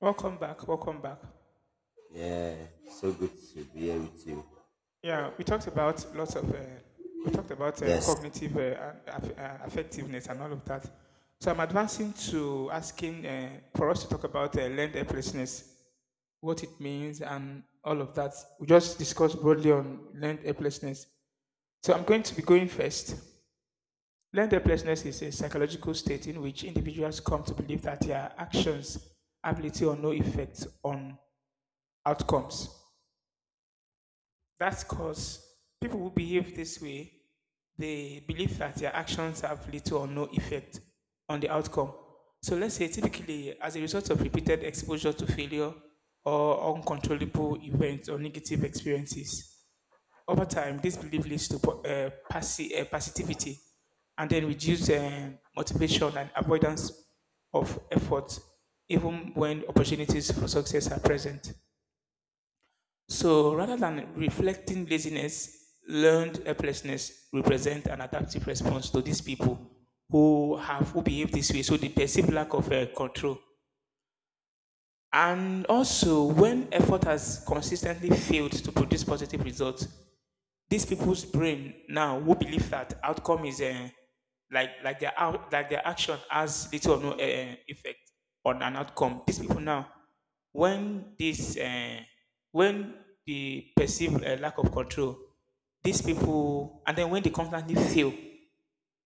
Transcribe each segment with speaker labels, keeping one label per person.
Speaker 1: Welcome back. Welcome back.
Speaker 2: Yeah, so good to be here with you.
Speaker 1: Yeah, we talked about lots of we talked about
Speaker 2: Yes,
Speaker 1: cognitive and effectiveness and all of that. So I'm advancing to asking for us to talk about learned helplessness, what it means, and all of that. We just discussed broadly on learned helplessness. So I'm going to be going first. Learned helplessness is a psychological state in which individuals come to believe that their actions have little or no effect on outcomes. That's because people who behave this way, they believe that their actions have little or no effect on the outcome. So let's say typically as a result of repeated exposure to failure or uncontrollable events or negative experiences. Over time, this belief leads to passivity and then reduce motivation and avoidance of effort even when opportunities for success are present. So rather than reflecting laziness, learned helplessness represent an adaptive response to these people who behave this way. So the perceived lack of control. And also, when effort has consistently failed to produce positive results, these people's brain now who believe that outcome is like their out like their action has little or no effect on an outcome. These people now, when this uh, when they perceive a lack of control, these people and then when they constantly fail,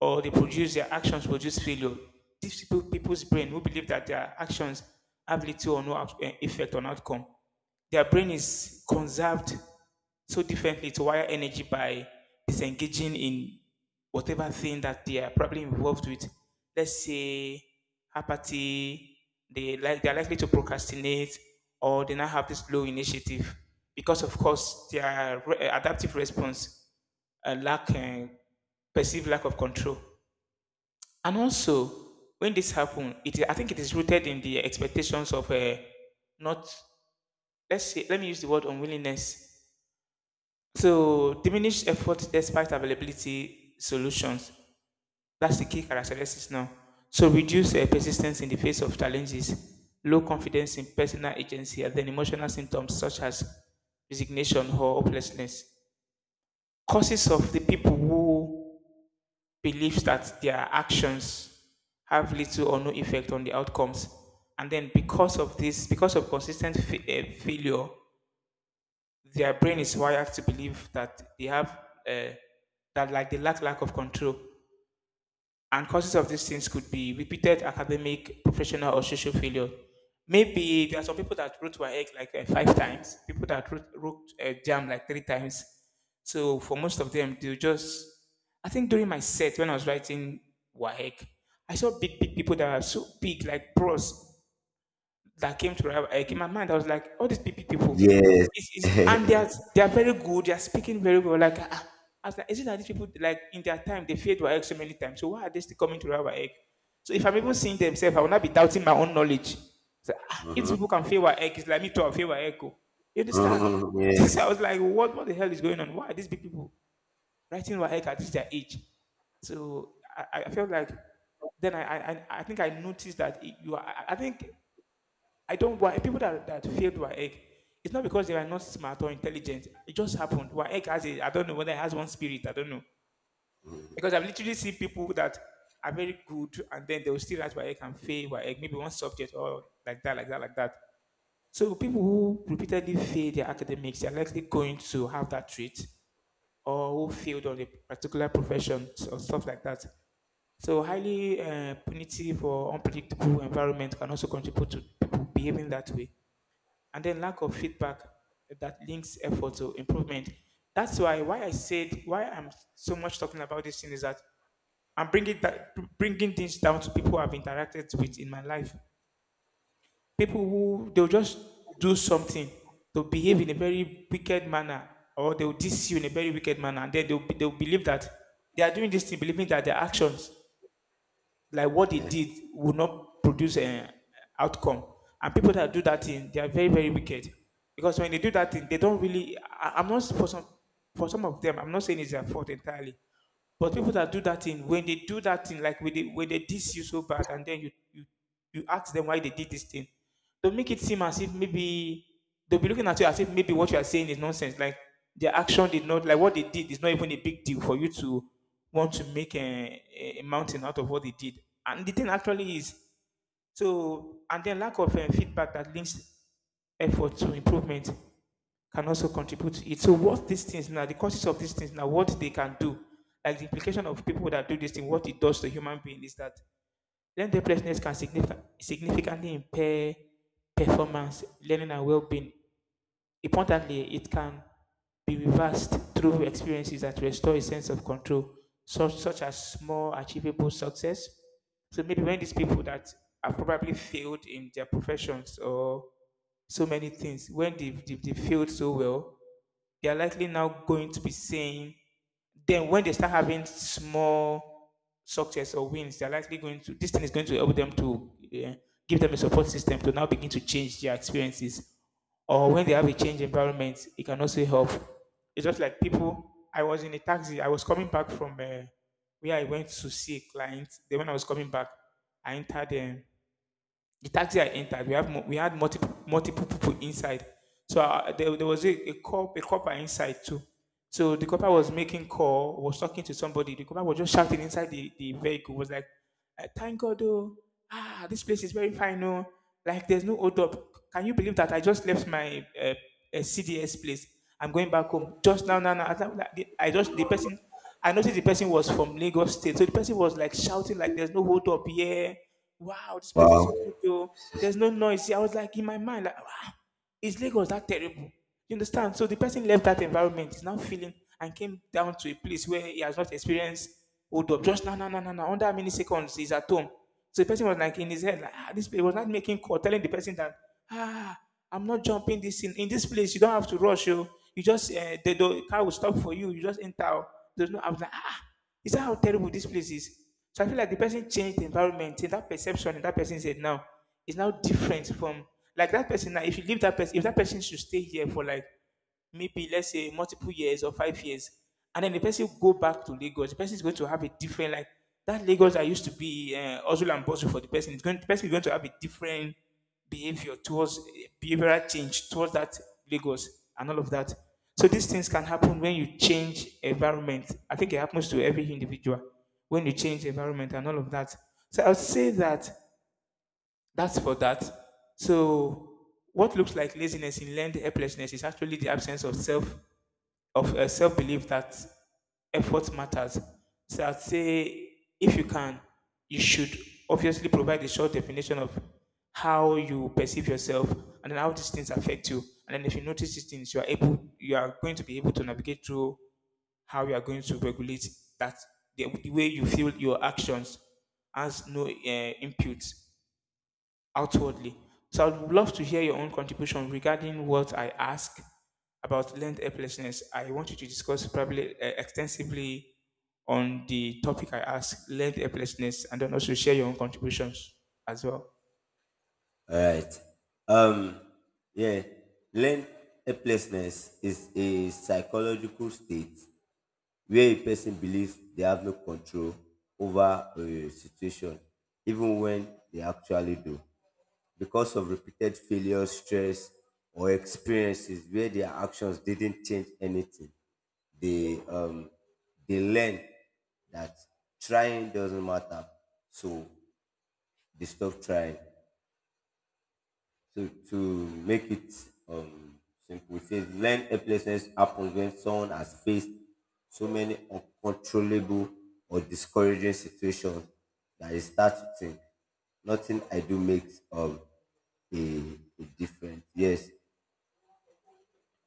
Speaker 1: or they produce their actions produce failure. These people, people's brain who believe that their actions have little or no effect on outcome. Their brain is conserved so differently to wire energy by disengaging in whatever thing that they are probably involved with. Let's say apathy, they're likely to procrastinate or they now have this low initiative because of course their adaptive response uh, lack eh, perceived lack of control. And also, when this happened, it I think it is rooted in the expectations of not, let's say let me use the word unwillingness. So diminished effort despite availability solutions. That's the key characteristics now. So reduce persistence in the face of challenges, low confidence in personal agency, and then emotional symptoms such as resignation or hopelessness. Causes of the people who believes that their actions have little or no effect on the outcomes. And then, because of this, because of consistent failure, their brain is wired to believe that they have uh, that, like, they lack of control and causes of these things could be repeated academic, professional, or social failure. Maybe there are some people that wrote WAEC like five times, people that wrote JAM like three times. So for most of them, they just, I think during my set when I was writing WAEC, I saw big, big people that are so big, like pros that I came my mind. I was like, all these PP people,
Speaker 2: yes,
Speaker 1: and they are they are very good. They are speaking very well. Like, ah, ah. I was like, is it that these people like in their time they failed Waec so many times? So why are they still coming to Rabbi? So if I'm even seeing themselves, I will not be doubting my own knowledge. So if these
Speaker 2: uh-huh.
Speaker 1: people can fail Waec, it's like me too. I fail Waec, oh. You understand?
Speaker 2: Mhm.
Speaker 1: So
Speaker 2: yeah,
Speaker 1: I was like, what the hell is going on? Why are these big people writing Waec at this their age? So I felt like then I think I noticed that you are, I think I don't why people that failed WAEC, it's not because they are not smart or intelligent. It just happened. WAEC has a, I don't know whether it has one spirit, I don't know. Because I've literally seen people that are very good and then they will still write WAEC and fail WAEC, maybe one subject or like that, like that, like that. So people who repeatedly fail their academics are likely going to have that trait or who failed on a particular profession or stuff like that. So highly punitive or unpredictable environment can also contribute to people behaving that way and then lack of feedback that links effort to improvement. That's why I said why I'm so much talking about this thing is that I'm bringing things down to people I've interacted with in my life. People who they'll just do something, they'll behave in a very wicked manner, or they'll diss you in a very wicked manner, and then they'll believe that they are doing this thing, believing that their actions like what they
Speaker 2: yes.
Speaker 1: did will not produce an outcome. And people that do that thing, they are very, very wicked. Because when they do that thing, they don't really. I'm not for some of them. I'm not saying it's their fault entirely, but people that do that thing, when they do that thing, like when they diss you so bad, and then you ask them why they did this thing, they'll make it seem as if maybe they'll be looking at you as if maybe what you are saying is nonsense. Like their action did not like what they did is not even a big deal for you to want to make a mountain out of what they did. And the thing actually is so, and then lack of feedback that links effort to improvement can also contribute to it. So what these things now, the causes of these things now, what they can do, like the implication of people that do this thing, what it does to human being is that learning helplessness can significantly impair performance, learning and well-being. Importantly, it can be reversed through experiences that restore a sense of control, such as small achievable success. So maybe when these people that have probably failed in their professions or so many things, when they've failed so well, they are likely now going to be saying, then when they start having small success or wins, they're likely going to, this thing is going to help them to give them a support system to now begin to change their experiences. Or when they have a change environment, it can also help. It's just like people, I was in a taxi, I was coming back from where I went to see a client. Then when I was coming back, I entered the taxi I entered, we had multiple people inside. So there, there was a copper inside too. So the copper was making call, was talking to somebody. The copper was just shouting inside the vehicle, was like, Thank God, oh, ah, this place is very fine, oh, like there's no hold up. Can you believe that I just left my CDS place? I'm going back home just now, now, now." I thought that I just the person, I noticed the person was from Lagos State, so the person was like shouting like, "There's no hold up here. Wow, this
Speaker 2: Wow.
Speaker 1: place is so
Speaker 2: All
Speaker 1: good though. There's no noise." See, I was like in my mind, like, wow, is Lagos that terrible? You understand? So the person left that environment, is now feeling and came down to a place where he has not experienced hold up. Just now, now, now, now, now, under how many seconds he's at home. So the person was like in his head, like, ah, this place was not making call, telling the person that, ah, I'm not jumping this in this place. You don't have to rush. You just, the car will stop for you. You just enter, oh." There's no, I was like, ah, is that how terrible this place is? So I feel like the person changed the environment, and that perception in that person said now is now different from like that person. Now, if you leave that person, if that person should stay here for like maybe let's say multiple years or 5 years, and then the person go back to Lagos, the person is going to have a different like that Lagos that used to be hustle and bustle for the person. It's going the person is going to have a different behavioral change towards that Lagos and all of that. So these things can happen when you change environment. I think it happens to every individual when you change environment and all of that. So I would say that that's for that. So what looks like laziness in learned helplessness is actually the absence of self of a self belief that effort matters. So I'd say if you can, you should obviously provide a short definition of how you perceive yourself and then how these things affect you. And then if you notice these things, you are going to be able to navigate through how you are going to regulate that the way you feel your actions has no input outwardly. So I would love to hear your own contribution regarding what I ask about learned helplessness. I want you to discuss probably extensively on the topic I asked, learned helplessness, and then also share your own contributions as well.
Speaker 2: right. Um. Yeah. Learn helplessness is a psychological state where a person believes they have no control over a situation, even when they actually do. Because of repeated failures, stress, or experiences where their actions didn't change anything. They um they learn that trying doesn't matter, so they stop trying. So to make it um, simple, it says learn helplessness happens when someone has faced so many uncontrollable or discouraging situations that they start to think nothing I do makes a, a difference. Yes.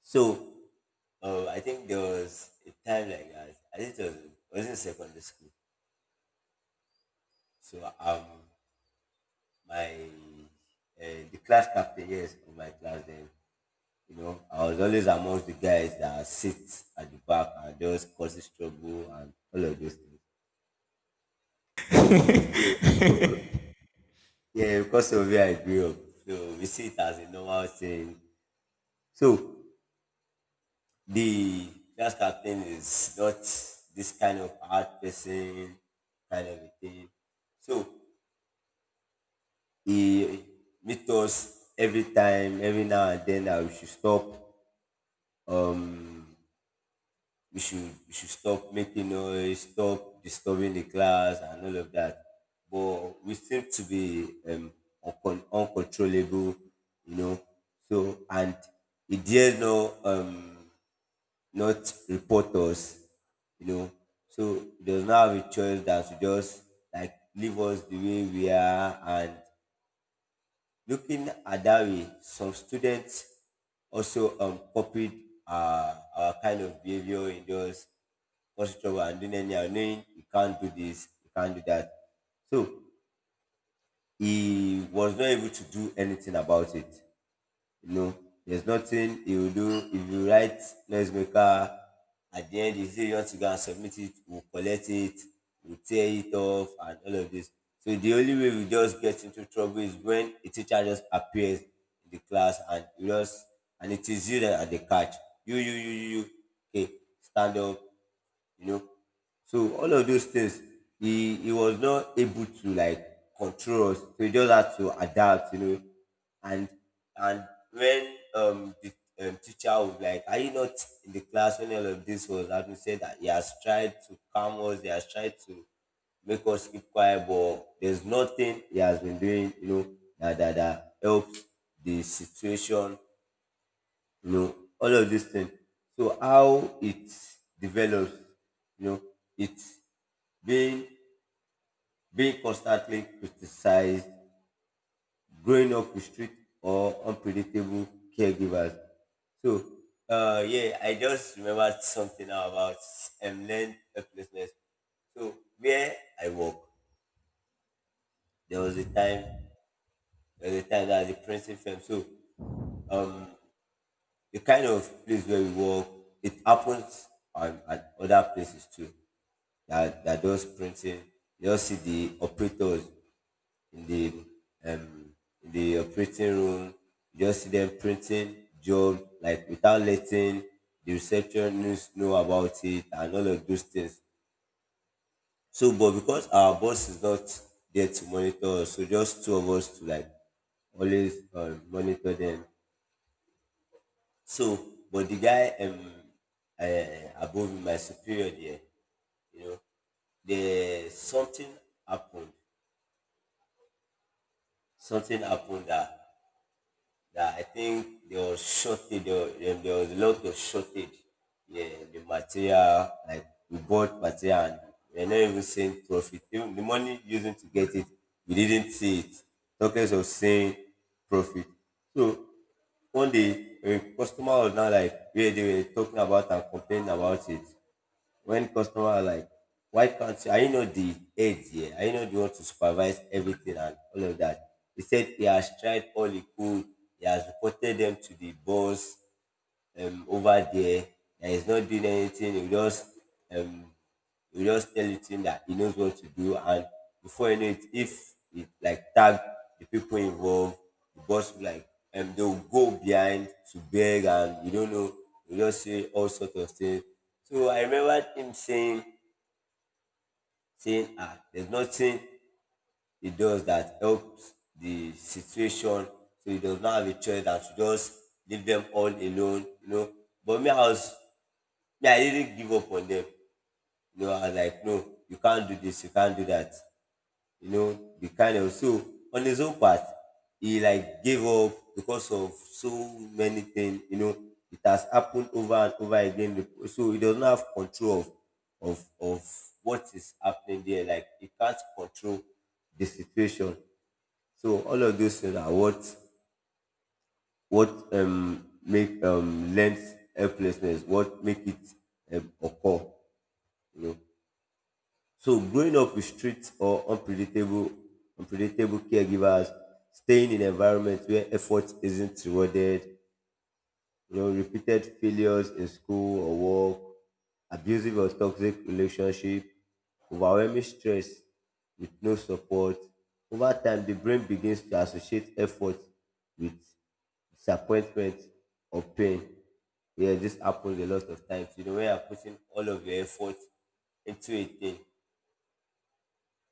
Speaker 2: So I think there was a time like that. I think it was, I was in secondary school. So my uh, the class captain, yes, of my class then. You know, I was always amongst the guys that sit at the back and just causes trouble and all of those things. So, yeah, because of where I grew up, so we see it as a normal thing. So the class captain is not this kind of hard person, kind of a thing. So he meet us every time, every now and then that we should stop. Um, we should we should stop making noise, stop disturbing the class, and all of that. But we seem to be uncontrollable, you know. So and he dare no not report us, you know. So he does not have a choice than to just like leave us the way we are, and looking at that way, some students also copied our kind of behavior in those causing trouble and doing anyhow, knowing you can't do this, you can't do that. So he was not able to do anything about it. You know, there's nothing he will do. If you write noisemaker, at the end, you say you want to go and submit it, we'll collect it, we'll tear it off, and all of this. So the only way we just get into trouble is when a teacher just appears in the class and you just, and it is you that are the catch. You, you, you, you, you. Okay, stand up, you know. So all of those things, he was not able to like control us. So he just had to adapt, you know. And and when the teacher was like, "Are you not in the class when all of this was happening?" Said that he has tried to calm us. He has tried to make us keep quiet, but there's nothing he has been doing, you know, that helps the situation, you know, all of these things. So how it develops, you know, it's being being constantly criticized, growing up with strict or unpredictable caregivers. So yeah, I just remembered something now about learned helplessness. So where I work, there was a time there was a time that the printing firm. So um the kind of place where we work, it happens at other places too, that that does printing. You just see the operators in the um in the operating room. You just see them printing job like without letting the receptionists know about it and all of those things. So, but because our boss is not there to monitor us, so just two of us to like always monitor them. So, but the guy above me, my superior there, you know, there happened something happened that that I think there was shortage. There was a lot of shortage. Yeah, the material, like we bought material and we're not even seeing profit. Even the money using to get it, we didn't see it. Talking of seeing profit. So one day a customer was now like where they were talking about and complaining about it, when customer are like, why can't you? I know the aides here. I know they want to supervise everything and all of that. He said he has tried all he could. He has reported them to the boss over there and he's not doing anything. Um, he'll just tell you thing that he knows what to do, and before you know it, if it like tag the people involved, the boss will like they'll go behind to beg, and you don't know, you just say all sorts of things. So I remember him saying, ah, there's nothing he does that helps the situation. So he does not have a choice than to just leave them all alone, you know. But me, I was, yeah, I didn't give up on them. You know, I was like, no, you can't do this, you can't do that. You know, the kind of, so on his own part, he like gave up because of so many things. You know, it has happened over and over again. So he doesn't have control of of what is happening there. Like he can't control the situation. So all of those things are what make lends helplessness, what make it occur. You know. So growing up with strict or unpredictable caregivers, staying in environments where effort isn't rewarded, you know, repeated failures in school or work, abusive or toxic relationship, overwhelming stress with no support. Over time, the brain begins to associate effort with disappointment or pain. Yeah, this happens a lot of times. You know, when you're putting all of your effort into a thing,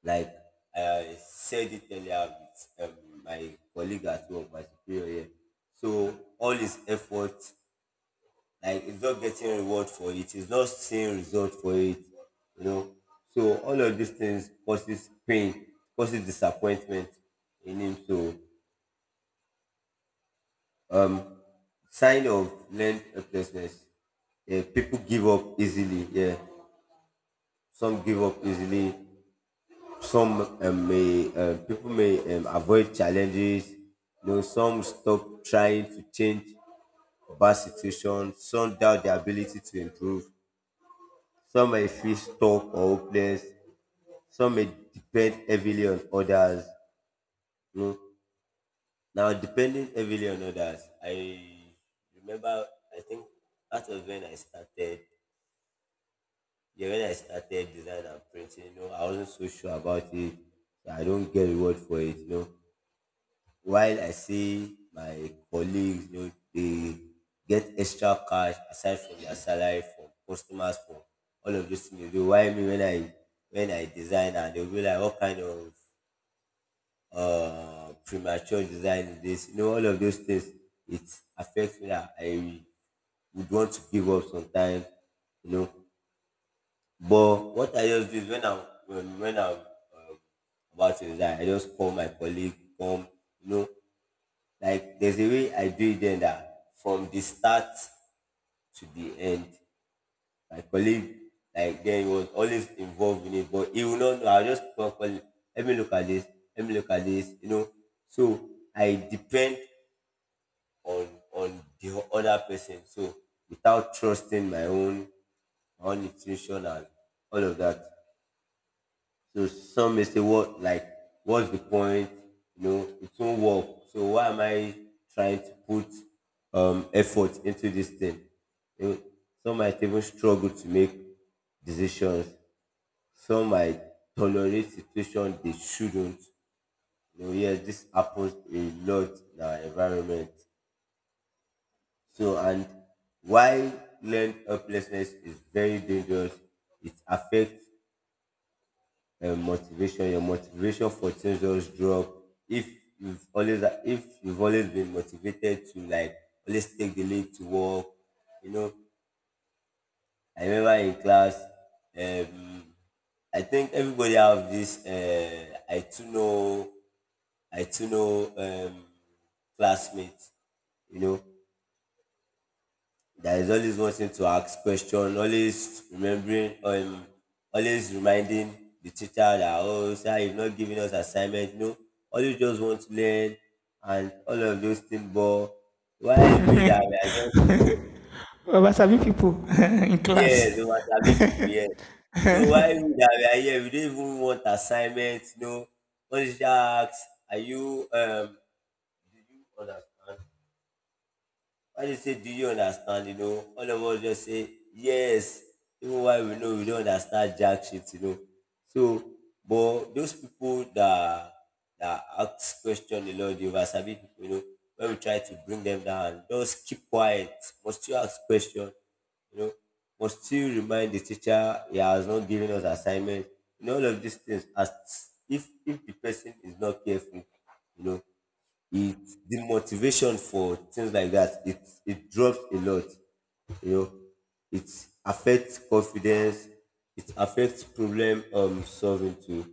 Speaker 2: like I said it earlier with my colleague at work, my superior here. So all his effort, like it's not getting reward for it, it's not seeing result for it, you know. So all of these things causes pain, causes disappointment in him. So sign of learned helplessness. Yeah, people give up easily. Yeah, some give up easily. Some may people may avoid challenges, you know, some stop trying to change bad situations, some doubt their ability to improve, some may feel stuck or hopeless, some may depend heavily on others, you know. Now depending heavily on others, I remember, I think that was when I started, yeah, when I started design and printing, you know, I wasn't so sure about it. So I don't get reward for it, you know. While I see my colleagues, you know, they get extra cash aside from their salary from customers, from all of those things they do. Why me? When I design and they'll be like, what kind of premature design is this? You know, all of those things, it affects me that I would want to give up sometimes, you know. But what I just do is when I'm when I'm about to design, I just call my colleague, come, you know, like there's a way I do it then, that from the start to the end, my colleague, like then he was always involved in it, but he will not know. I'll just call, let me look at this, let me look at this, you know. So I depend on the other person. So without trusting my own, my own intuition and all of that. So some may say, what like, what's the point? You know, it won't work. So why am I trying to put effort into this thing? You know, some might even struggle to make decisions. Some might tolerate situations they shouldn't. You know, yes, this happens a lot in our environment. So, and why learned helplessness is very dangerous, it affects motivation, your motivation for things just drop. if if you've always been motivated to like always take the lead to work, you know, I remember in class, um I think everybody have this I too know, i too know um classmate, you know, there is always wanting to ask question, always remembering, always reminding the teacher that oh sir, you've not given us assignment. No, always just want to learn and all of those things. But while we that we are just,
Speaker 1: Wasabi people in
Speaker 2: yes, we
Speaker 1: class.
Speaker 2: are serving people, yes. So while we that we are here, we don't even want assignment. No, what is that? Are you um? Do you understand? When they say, do you understand? You know, all of us just say, yes, even while we know we don't understand jack shit, you know. So, but those people that that ask question a lot, the oversabi people, you know, when we try to bring them down, just keep quiet, must you ask question, you know, must you remind the teacher he has not given us assignment. You know, all of these things, as if the person is not careful, you know, it the motivation for things like that it drops a lot, you know. It affects confidence. It affects problem solving too,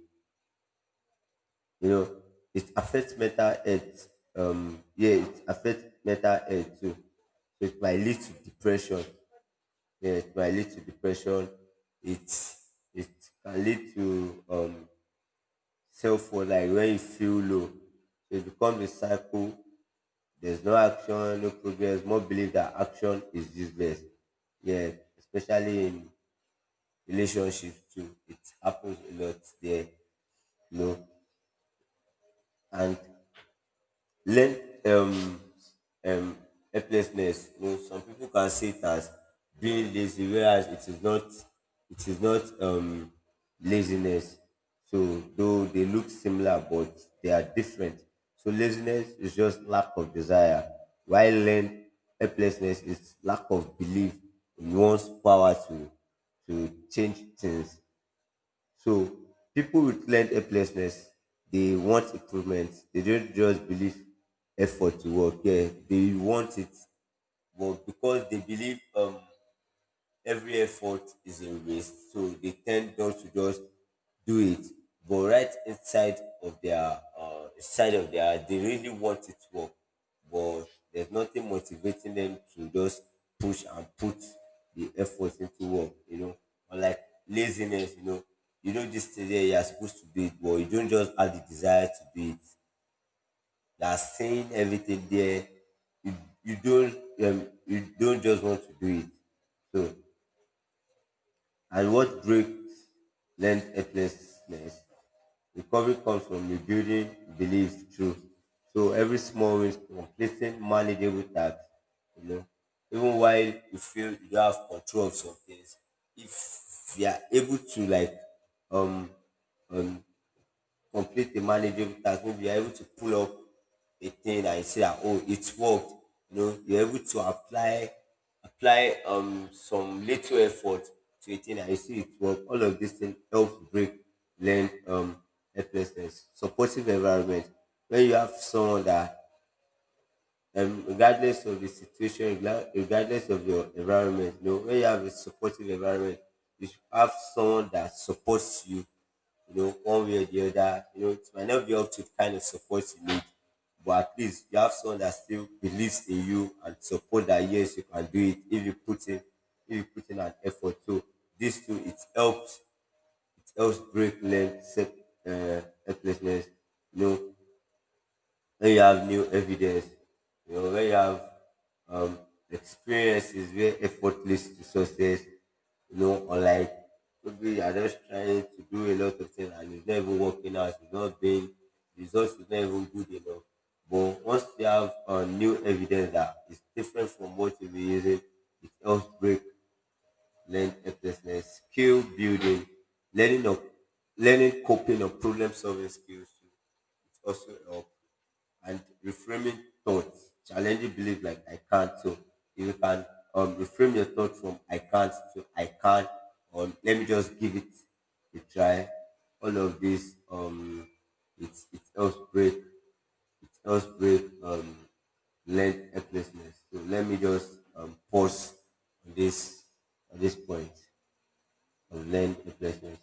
Speaker 2: you know. It affects mental health. Yeah, it affects mental health too. So it might lead to depression. Yeah, it might lead to depression. It it can lead to self worth, like when you feel low. So it becomes a cycle. There's no action, no progress. More believe that action is useless. Yeah, especially in relationships too. It happens a lot there, you know. And learn um um helplessness, you know, some people can see it as being lazy, whereas it is not. It is not laziness. So though they look similar, but they are different. So laziness is just lack of desire, while learn helplessness is lack of belief in one's power to change things. So people with learned helplessness, they want improvement. They don't just believe effort to work. Yeah, they want it, but because they believe every effort is a waste. So they tend not to just do it, but right inside of their side of their, they really want it to work, but there's nothing motivating them to just push and put the effort into work. You know, or like laziness. You know this today you are supposed to do it, but you don't just have the desire to do it. You are saying everything there. You, you don't you don't just want to do it. So and what breaks learned helplessness? Recovery comes from rebuilding beliefs truth. So every small win, completing manageable tasks, you know, even while you feel you don't have control of some things, if you are able to like um um complete the manageable task. Maybe you're able to pull up a thing and say that, oh, it's worked. You know, you're able to apply some little effort to a thing and you see it work. All of these things help break learn helplessness. Supportive environment. When you have someone that regardless of the situation, regardless of your environment, you know, when you have a supportive environment, you should have someone that supports you, you know, one way or the other. You know, it might not be up to the kind of support you need, but at least you have someone that still believes in you and support that yes, you can do it if you put in an effort. So this too, it helps break length, helplessness, you know, when you have new evidence, you know, when you have um, experiences where effort leads to success, you know, or like maybe you are just trying to do a lot of things and it's not even working out, it's not being, the results is not even good enough. But once you have new evidence that is different from what you've been using, it helps break learned helplessness. Skill building, learning of learning coping or problem solving skills. Too. It also helps. And reframing thoughts, challenging belief like I can't. So if you can reframe your thoughts from I can't to I can, or let me just give it a try. All of this, it's it helps break learned helplessness. So let me just pause on this point of learned helplessness.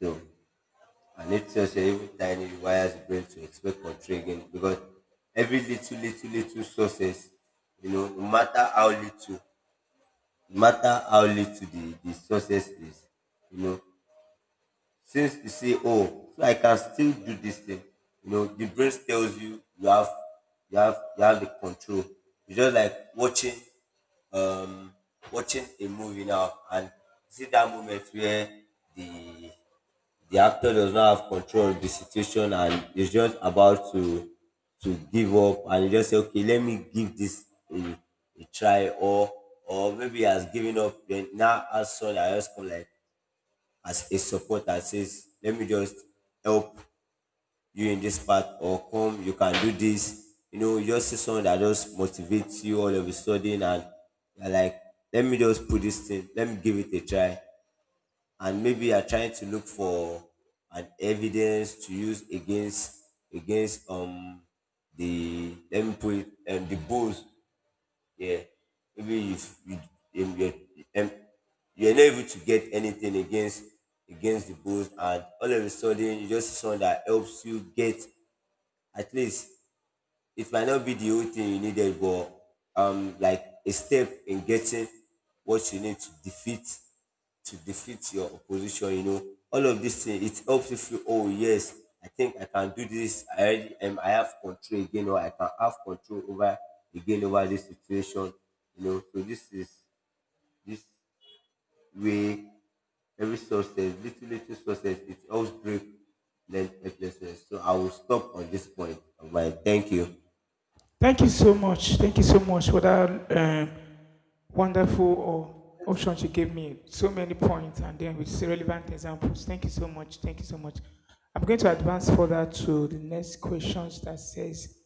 Speaker 2: So and it tells you even tiny rewires the brain to expect control again, because every little, little, little success, you know, no matter how little, no matter how little the success is, you know, since you say, oh, so I can still do this thing, you know, the brain tells you you have the control. It's just like watching um watching a movie now and see that moment where the the actor does not have control of the situation and is just about to give up, and he just say, okay, let me give this a, a try, or maybe he has given up. Then now as soon, I just come like as a support and says, let me just help you in this part, or come, you can do this. You know, you just see someone that just motivates you all of a sudden, and you're like, let me just put this thing, let me give it a try. And maybe you are trying to look for an evidence to use against against um the, let me put it, the bulls. Yeah, maybe you um, you're, um, you're not able to get anything against the bulls, and all of a sudden you just see someone that helps you get at least, it might not be the whole thing you needed, but like a step in getting what you need to defeat your opposition. You know, all of these things, it helps you feel, oh yes, I think I can do this. I already am. I have control again, or I can have control over again over this situation. You know, so this is this way every success, little little success, it helps break mental helplessness. So I will stop on this point of mine. Thank you.
Speaker 1: Thank you so much. Thank you so much for that. Wonderful option she gave me. So many points and then with relevant examples. Thank you so much. Thank you so much. I'm going to
Speaker 2: Yeah.
Speaker 1: advance further to the next questions that says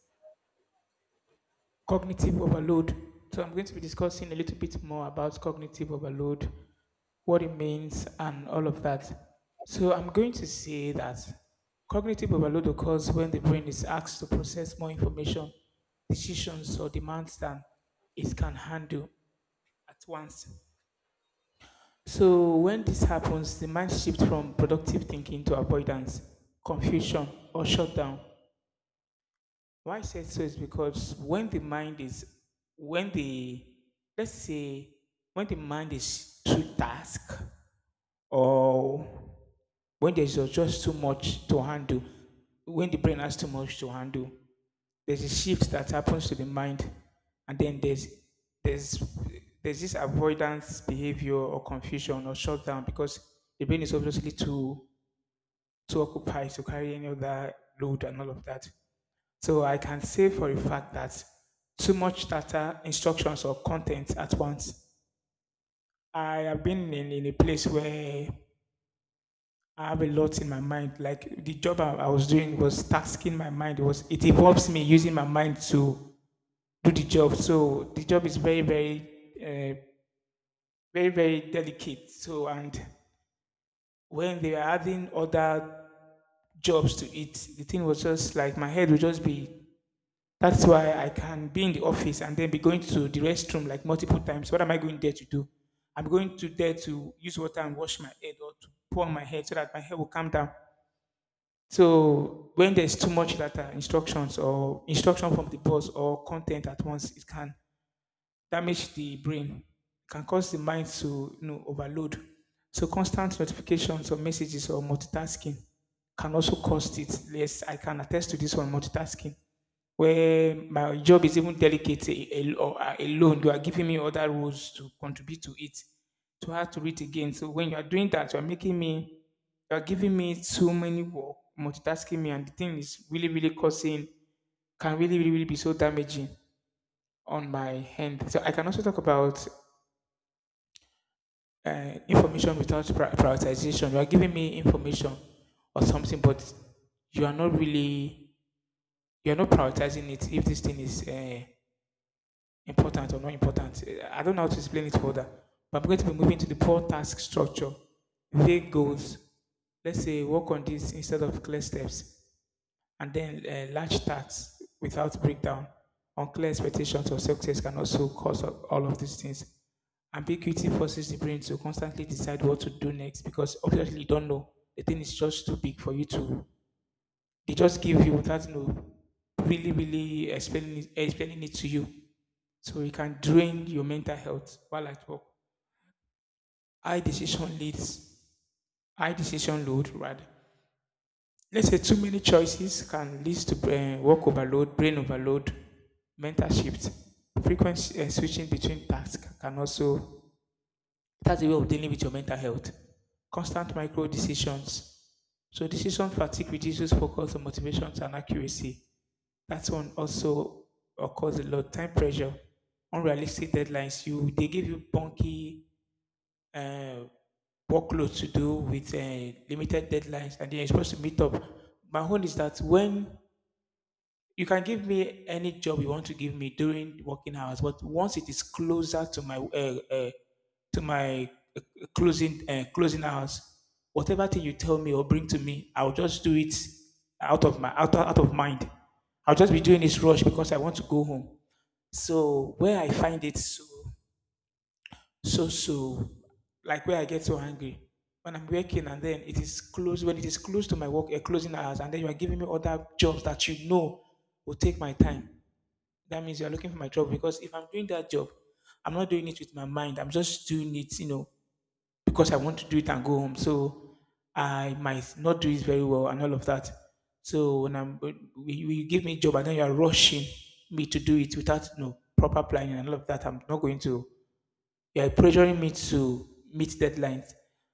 Speaker 1: cognitive overload. So I'm going to be discussing a little bit more about cognitive overload, what it means, and all of that. So I'm going to say that cognitive overload occurs when the brain is asked to process more information, decisions, or demands than it can handle at once. So when this happens, the mind shifts from productive thinking to avoidance, confusion, or shutdown. Why I said so is because when the, let's say, when the mind is too task or when there's just too much to handle, when the brain has too much to handle, there's a shift that happens to the mind and then there's there's this avoidance behavior or confusion or shutdown because the brain is obviously too occupied to carry any other load and all of that. So I can say for a fact that too much data, instructions or content at once. I have been in a place where I have a lot in my mind. Like the job I was doing was tasking my mind. It was it involves me using my mind to do the job. So the job is uh, very, very delicate. So and when they were adding other jobs to it, the thing was just like my head would just be. That's why I can be in the office and then be going to the restroom like multiple times. What am I going there to do? I'm going to there to use water and wash my head or to pour on my head so that my head will calm down. So when there's too much data instructions or instruction from the boss or content at once, it can damage the brain, can cause the mind to, you know, overload. So constant notifications or messages or multitasking can also cause it. Yes, I can attest to this one, multitasking. Where my job is even delicate alone, you are giving me other roles to contribute to it. To have to read again. So when you are doing that, you are making me, you are giving me so many work, multitasking me, and the thing is really, really causing, can really be so damaging on my hand. So I can also talk about information without prioritization. You are giving me information or something, but you are not really you are not prioritizing it. If this thing is important or not important. I don't know how to explain it further. But I'm going to be moving to the poor task structure, vague goals. Let's say work on this instead of clear steps, and then large tasks without breakdown. Unclear expectations or success can also cause all of these things. Ambiguity forces the brain to constantly decide what to do next because obviously you don't know. The thing is just too big for you to. They just give you without, you know, really explaining it to you. So it can drain your mental health while at work. High decision leads, high decision load rather. Let's say too many choices can lead to brain, work overload, brain overload, mental shift. Frequent switching between tasks can also that's the way of dealing with your mental health. Constant micro decisions. So decision fatigue reduces focus on motivations and accuracy. That one also occurs a lot. Time pressure, unrealistic deadlines. You they give you bunky uh, workload to do with limited deadlines, and then you're supposed to meet up. My own is that when you can give me any job you want to give me during working hours, but once it is closer to my closing closing hours, whatever thing you tell me or bring to me, I'll just do it out of my out of mind. I'll just be doing this rush because I want to go home. So where I find it so so so like where I get so angry when I'm working and then it is close when it is close to my work closing hours and then you are giving me other jobs that, you know, will take my time. That means you're looking for my trouble because if I'm doing that job, I'm not doing it with my mind. I'm just doing it, you know, because I want to do it and go home. So I might not do it very well and all of that. So when you give me a job and then you're rushing me to do it without, you know, proper planning and all of that, I'm not going to. You're pressuring me to meet deadlines,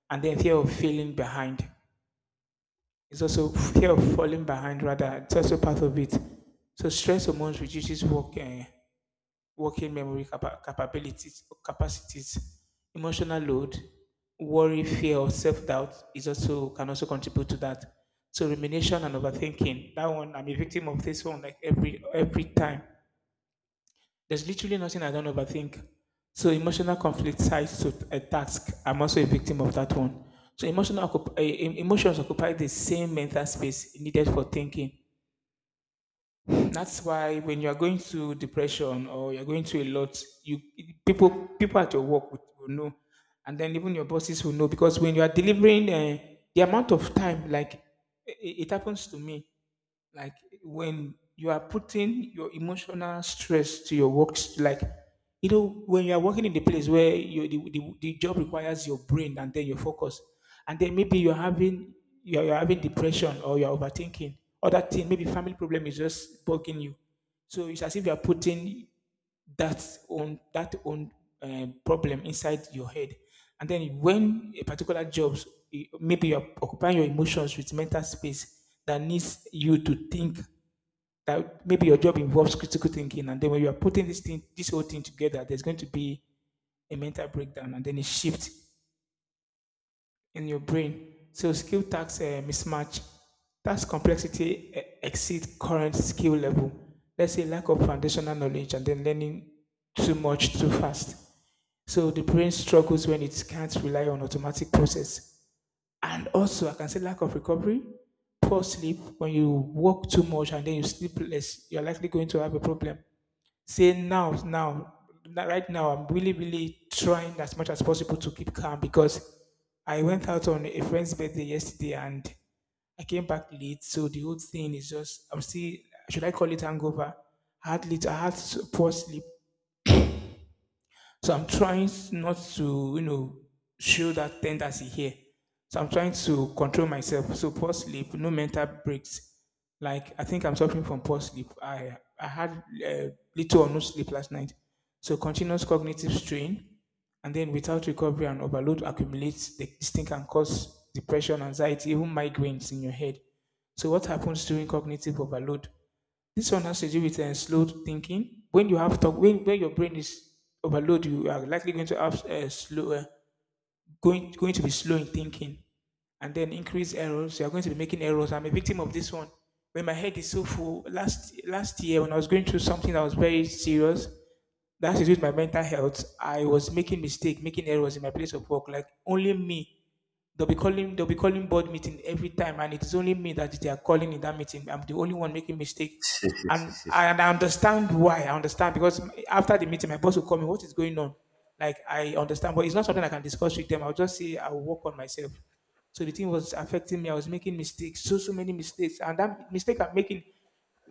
Speaker 1: and then fear of feeling behind. It's also fear of falling behind, rather, it's also part of it. So stress hormones reduces work. Eh, working memory capabilities capacities, emotional load, worry, fear, or self-doubt is also can also contribute to that. So rumination and overthinking. That one, I'm a victim of this one like every time. There's literally nothing I don't overthink. So emotional conflict sides to a task. I'm also a victim of that one. So emotional occup- eh, em- emotions occupy the same mental space needed for thinking. That's why when you're going through depression or you're going through a lot, you people people at your work will know, and then even your bosses will know because when you are delivering the amount of time, like it happens to me, like when you are putting your emotional stress to your works, like you know when you are working in the place where you the job requires your brain and then your focus, and then maybe you're having depression or you're overthinking other thing, maybe family problem is just bugging you. So it's as if you're putting that own problem inside your head, and then when a particular job, eh, maybe you're occupying your emotions with mental space that needs you to think, that maybe your job involves critical thinking, and then when you are putting this whole thing together, there's going to be a mental breakdown and then a shift in your brain. So skill tax, mismatch, task complexity exceeds current skill level, let's say lack of foundational knowledge, and then learning too much too fast. So the brain struggles when it can't rely on automatic process. And also, I can say lack of recovery, poor sleep. When you work too much and then you sleep less, you're likely going to have a problem. Say now, right now, I'm really, really trying as much as possible to keep calm because I went out on a friend's birthday yesterday and I came back late, so the whole thing is just I'm still, should I call it hangover? I had poor sleep, so I'm trying not to, you know, show that tendency here. So I'm trying to control myself. So poor sleep, no mental breaks. Like I think I'm suffering from poor sleep. I had uh, little or no sleep last night. So continuous cognitive strain, and then without recovery and overload accumulates. This thing can cause depression, anxiety, even migraines in your head. So what happens during cognitive overload? This one has to do with slow thinking. When you have talk, when your brain is overloaded, you are likely going to have slow, going going to be slow in thinking, and then increase errors. You are going to be making errors. I'm a victim of this one. When my head is so full, last year when I was going through something that was very serious, that has to do with my mental health. I was making mistake, making errors in my place of work. Like only me, they'll be calling board meeting every time, and it's only me that they are calling in that meeting. I'm the only one making mistake. And I understand why. I understand because after the meeting my boss will call me, what is going on? Like I understand, but it's not something I can discuss with them. I'll just say I'll work on myself. So the thing was affecting me. I was making mistakes, so so many mistakes, and that mistake I'm making,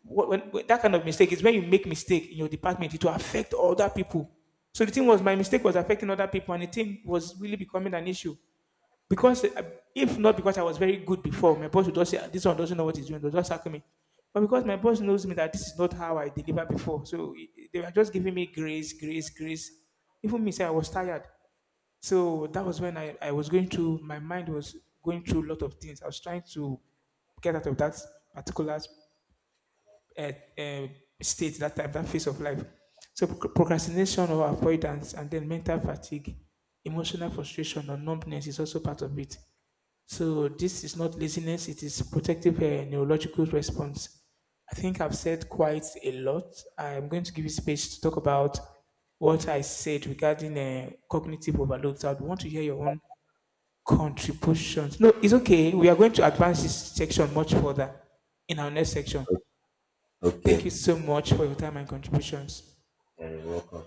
Speaker 1: when that kind of mistake is, when you make mistake in your department, it will affect other people. So the thing was, my mistake was affecting other people, and the thing was really becoming an issue. Because if not because I was very good before, my boss would just say, "Ah, this one doesn't know what he's doing," they'll just sack me. But because my boss knows me that this is not how I deliver before, so they were just giving me grace, grace, grace. Even me, say I was tired. So that was when I was going through, my mind was going through a lot of things. I was trying to get out of that particular uh, uh, state, that time, that phase of life. So procrastination or avoidance, and then mental fatigue, emotional frustration or numbness is also part of it. So this is not laziness, it is protective neurological response. I think I've said quite a lot. I'm going to give you space to talk about what I said regarding cognitive overload. I would want to hear your own contributions. No, it's okay. We are going to advance this section much further in our next section. Thank
Speaker 2: Okay.
Speaker 1: you so much for your time and contributions.
Speaker 2: You're welcome.